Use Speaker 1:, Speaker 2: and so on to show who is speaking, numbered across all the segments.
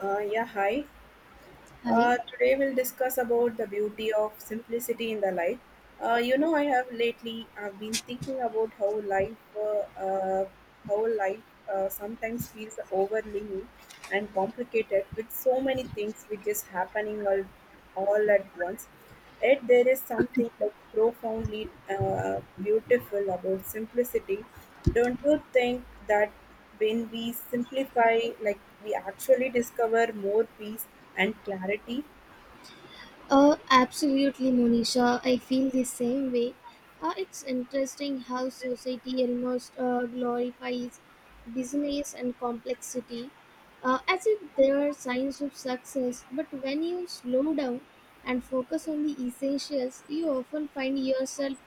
Speaker 1: Yeah, hi.
Speaker 2: Hi.
Speaker 1: Today we'll discuss about the beauty of simplicity in the life. I have lately I've been thinking about how life sometimes feels overwhelming and complicated with so many things which is happening all at once. Yet there is something like profoundly beautiful about simplicity. Don't you think that when we simplify, like we actually discover more peace and clarity?
Speaker 2: Absolutely, Monisha. I feel the same way. It's interesting how society almost glorifies business and complexity as if they are signs of success. But when you slow down and focus on the essentials, you often find yourself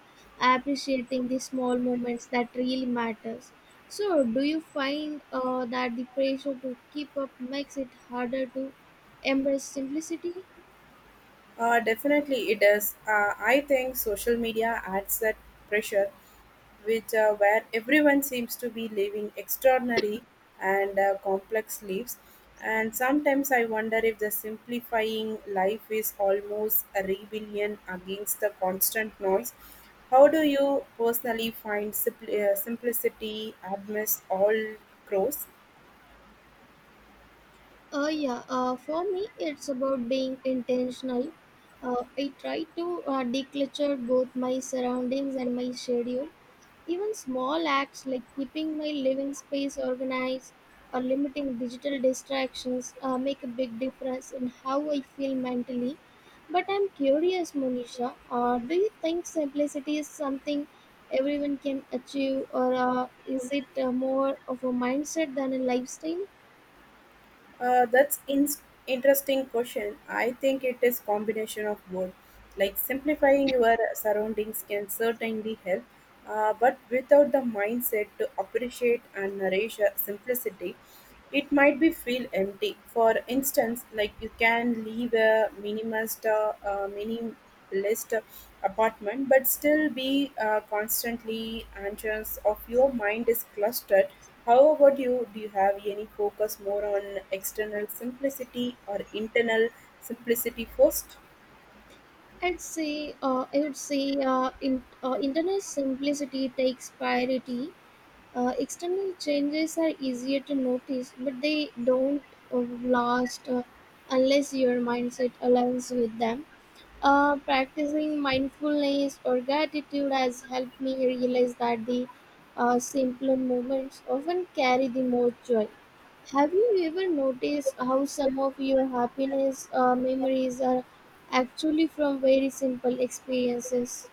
Speaker 2: appreciating the small moments that really matters. So, do you find that the pressure to keep up makes it harder to embrace simplicity?
Speaker 1: Definitely it does. I think social media adds that pressure, which where everyone seems to be living extraordinary and complex lives. And sometimes I wonder if the simplifying life is almost a rebellion against the constant noise. How do you personally find simplicity amidst all chores?
Speaker 2: Yeah, for me, it's about being intentional. I try to declutter both my surroundings and my schedule. Even small acts like keeping my living space organized or limiting digital distractions make a big difference in how I feel mentally. But I'm curious, Monisha, do you think simplicity is something everyone can achieve, or is it more of a mindset than a lifestyle?
Speaker 1: Uh, that's in- Interesting question. I think it is combination of both. Like simplifying your surroundings can certainly help, but without the mindset to appreciate and nourish simplicity, it might be feel empty. For instance, like you can leave a minimalist apartment, but still be constantly anxious of your mind is clustered. How about you? Do you have any focus more on external simplicity or internal simplicity first?
Speaker 2: I'd say, I would say, in, internal simplicity takes priority. External changes are easier to notice, but they don't uh, last unless your mindset aligns with them. Practicing mindfulness or gratitude has helped me realize that the simpler moments often carry the most joy. Have you ever noticed how some of your happiness memories are actually from very simple experiences?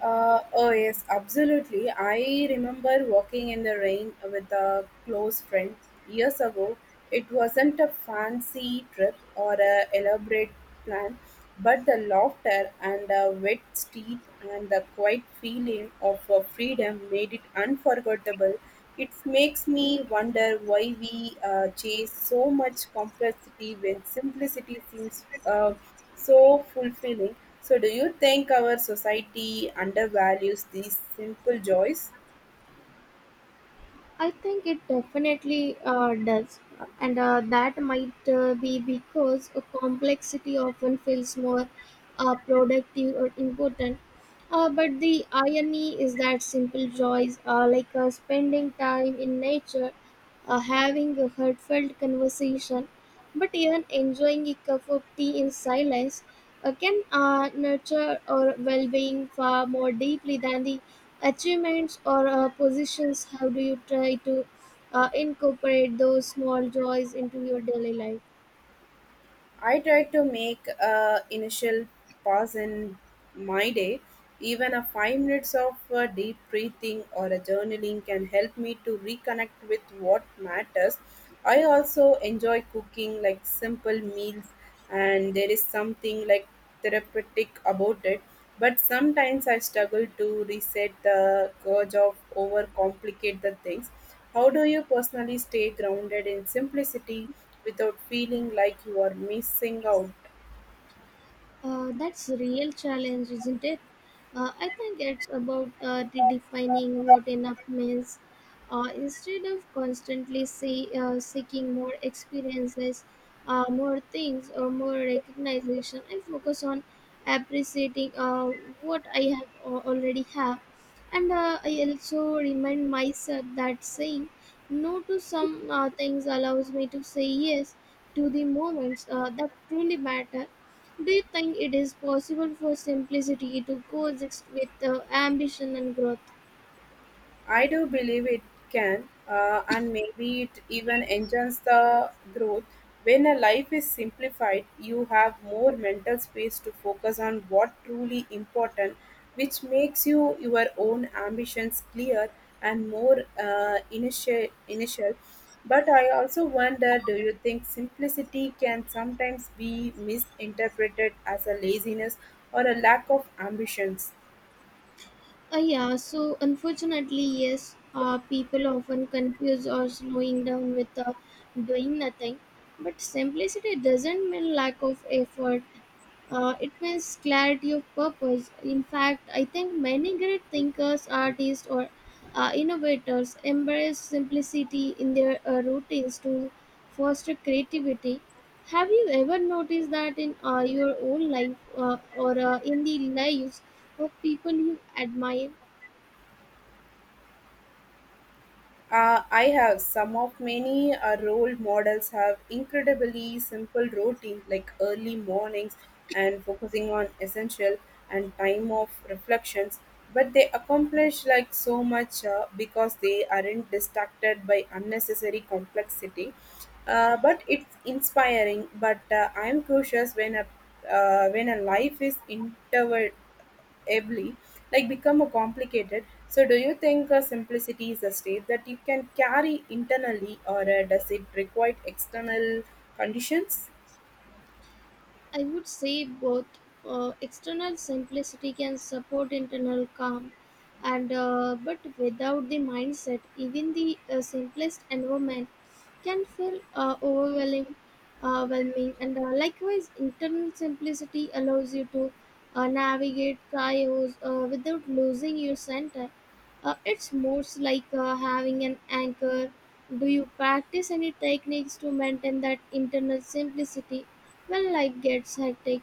Speaker 1: Oh yes, absolutely. I remember walking in the rain with a close friend years ago. It wasn't a fancy trip or a elaborate plan, but the laughter and the wet street and the quiet feeling of freedom made it unforgettable. It makes me wonder why we chase so much complexity when simplicity seems so fulfilling. So, do you think our society undervalues these simple joys?
Speaker 2: I think it definitely does, and that might be because a complexity often feels more productive or important. But the irony is that simple joys, like spending time in nature, having a heartfelt conversation, but even enjoying a cup of tea in silence, can nurture our well-being far more deeply than the achievements or positions. How do you try to incorporate those small joys into your daily life?
Speaker 1: I try to make a initial pause in my day. Even a 5 minutes of deep breathing or a journaling can help me to reconnect with what matters. I also enjoy cooking like simple meals, and there is something like therapeutic about it. But sometimes I struggle to reset the urge of overcomplicate the things. How do you personally stay grounded in simplicity, without feeling like you are missing out?
Speaker 2: That's a real challenge, isn't it? I think it's about redefining what enough means. Instead of constantly seeking more experiences, more things, or more recognition, I focus on appreciating what I already have. And I also remind myself that saying no to some things allows me to say yes to the moments that truly matter. Do you think it is possible for simplicity to coexist with ambition and growth?
Speaker 1: I do believe it can, and maybe it even enhances the growth. When a life is simplified, you have more mental space to focus on what truly important, which makes you your own ambitions clear and more initial. But I also wonder, do you think simplicity can sometimes be misinterpreted as a laziness or a lack of ambitions?
Speaker 2: Yeah, so unfortunately, yes, people often confuse or slowing down with doing nothing. But simplicity doesn't mean lack of effort. It means clarity of purpose. In fact, I think many great thinkers, artists, or innovators embrace simplicity in their routines to foster creativity. Have you ever noticed that in your own life or in the lives of people you admire?
Speaker 1: I have some of many role models have incredibly simple routine like early mornings and focusing on essential and time of reflections, but they accomplish like so much because they aren't distracted by unnecessary complexity. But it's inspiring. But I'm cautious when a life is interval heavily, like become a complicated. So, do you think simplicity is a state that you can carry internally, or does it require external conditions?
Speaker 2: I would say both. External simplicity can support internal calm, and but without the mindset, even the simplest environment can feel overwhelming. And likewise, internal simplicity allows you to navigate chaos without losing your center. It's more like having an anchor. Do you practice any techniques to maintain that internal simplicity well, life gets hectic?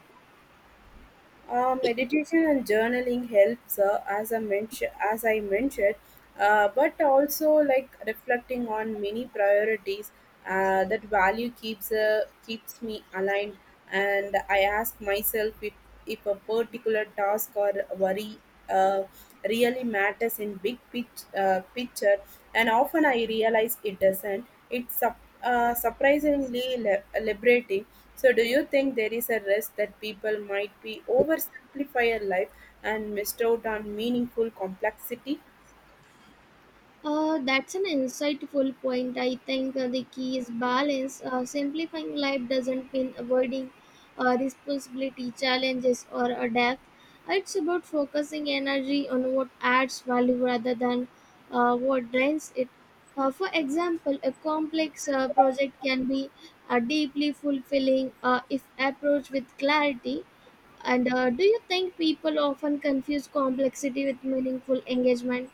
Speaker 1: Meditation and journaling helps, as I mentioned, but also like reflecting on many priorities. That value keeps me aligned, and I ask myself if a particular task or worry uh, really matters in big pitch picture, and often I realize it doesn't. It's surprisingly liberating. So, do you think there is a risk that people might be oversimplify a life and missed out on meaningful complexity?
Speaker 2: That's an insightful point. I think the key is balance. Simplifying life doesn't mean avoiding responsibility, challenges, or a death. It's about focusing energy on what adds value rather than what drains it. For example, a complex project can be deeply fulfilling if approached with clarity. And do you think people often confuse complexity with meaningful engagement?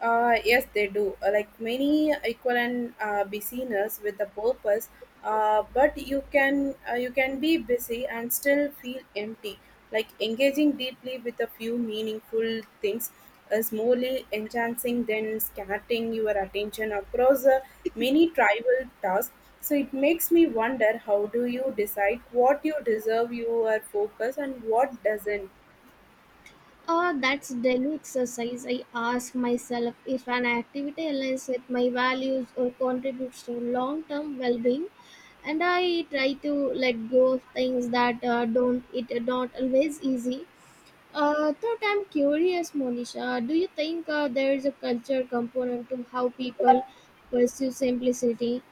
Speaker 1: Yes, they do. Like many equivalent busyness with a purpose, but you can be busy and still feel empty. Like engaging deeply with a few meaningful things is morely enhancing than scattering your attention across many trivial tasks. So it makes me wonder, how do you decide what you deserve your focus and what doesn't?
Speaker 2: Ah, that's daily exercise. I ask myself if an activity aligns with my values or contributes to long term well being, and I try to let go of things that don't, it are not always easy. Thought I'm curious, Monisha. Do you think there is a culture component to how people pursue simplicity?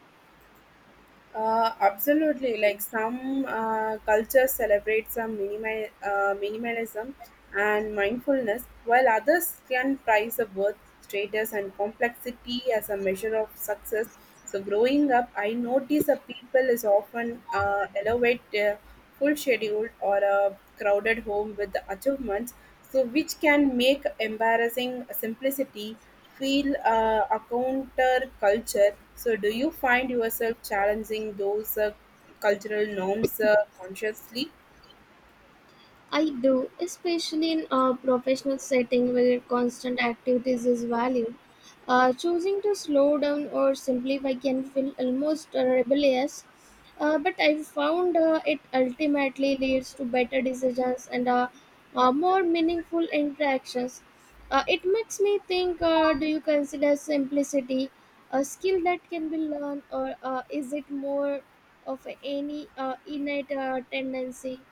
Speaker 1: Absolutely. Like some cultures celebrate some minimalism and mindfulness, while others can prize the worth, status, and complexity as a measure of success. So, growing up, I notice that people is often elevate their full schedule or a crowded home with the achievements, so which can make embarrassing simplicity feel a counter culture. So, do you find yourself challenging those cultural norms consciously?
Speaker 2: I do, especially in a professional setting where constant activities is valued. Choosing to slow down or simplify can feel almost rebellious, but I've found it ultimately leads to better decisions and more meaningful interactions. It makes me think, do you consider simplicity a skill that can be learned, or is it more of any innate tendency?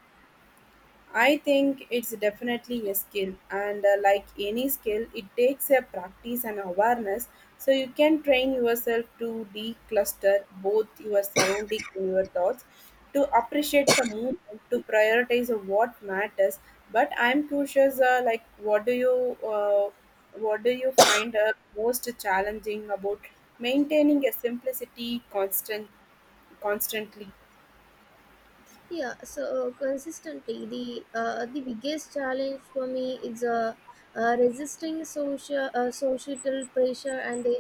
Speaker 1: I think it's definitely a skill, and like any skill, it takes a practice and awareness. So you can train yourself to decluster both your surrounding and your thoughts, to appreciate the movement, to prioritize what matters. But I'm curious, like what do you find most challenging about maintaining a simplicity constantly?
Speaker 2: Consistently, the biggest challenge for me is resisting social societal pressure and the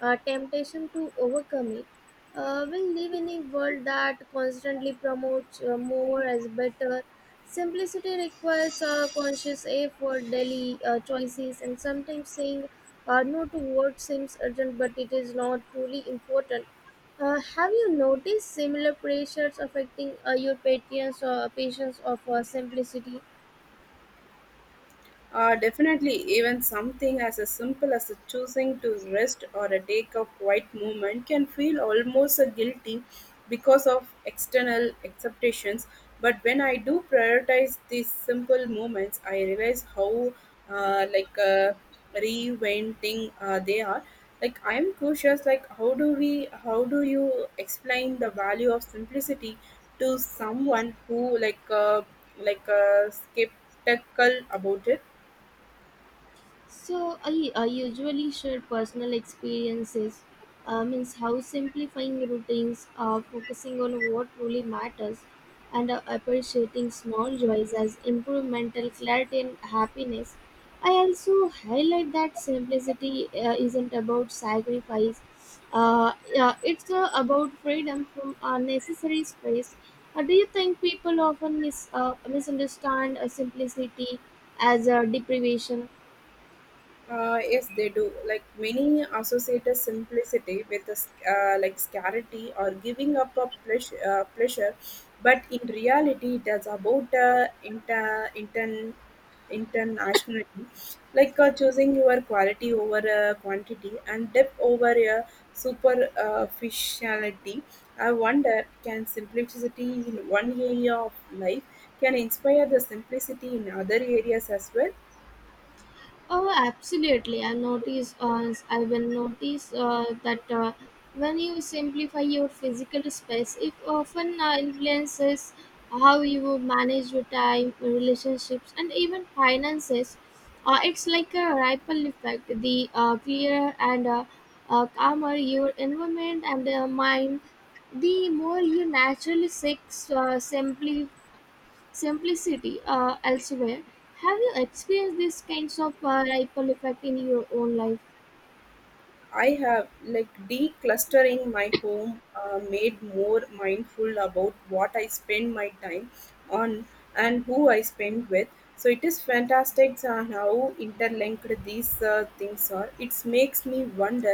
Speaker 2: temptation to overcome it. We live in a world that constantly promotes more as better. Simplicity requires conscious effort, daily choices, and sometimes saying no to what seems urgent but it is not truly important. Have you noticed similar pressures affecting your patients or patients of simplicity?
Speaker 1: Definitely, even something as simple as choosing to rest or a take a quiet moment can feel almost a guilty because of external acceptations. But when I do prioritize these simple moments, I realize how like reinventing they are. Like I am cautious. Like how do we? How do you explain the value of simplicity to someone who like skeptical about it?
Speaker 2: So I usually share personal experiences, means how simplifying routines, focusing on what truly matters, and appreciating small joys as improve mental clarity and happiness. I also highlight that simplicity isn't about sacrifice. Yeah, it's about freedom from unnecessary stress. Do you think people often misunderstand simplicity as a deprivation?
Speaker 1: Yes, they do. Like many associate a simplicity with like scarcity or giving up a pleasure, but in reality, it is about internationality, like choosing your quality over quantity and depth over superficiality. I wonder, can simplicity in one area of life can inspire the simplicity in other areas as well?
Speaker 2: Oh, absolutely. I will notice that when you simplify your physical space, it often influences how you manage your time, relationships, and even finances. It's like a ripple effect. The clearer and calmer your environment and mind, the more you naturally seek simply simplicity elsewhere. Have you experienced these kinds of ripple effect in your own life?
Speaker 1: I have like declustering my home made more mindful about what I spend my time on and who I spend with. So it is fantastic how interlinked these things are. It makes me wonder.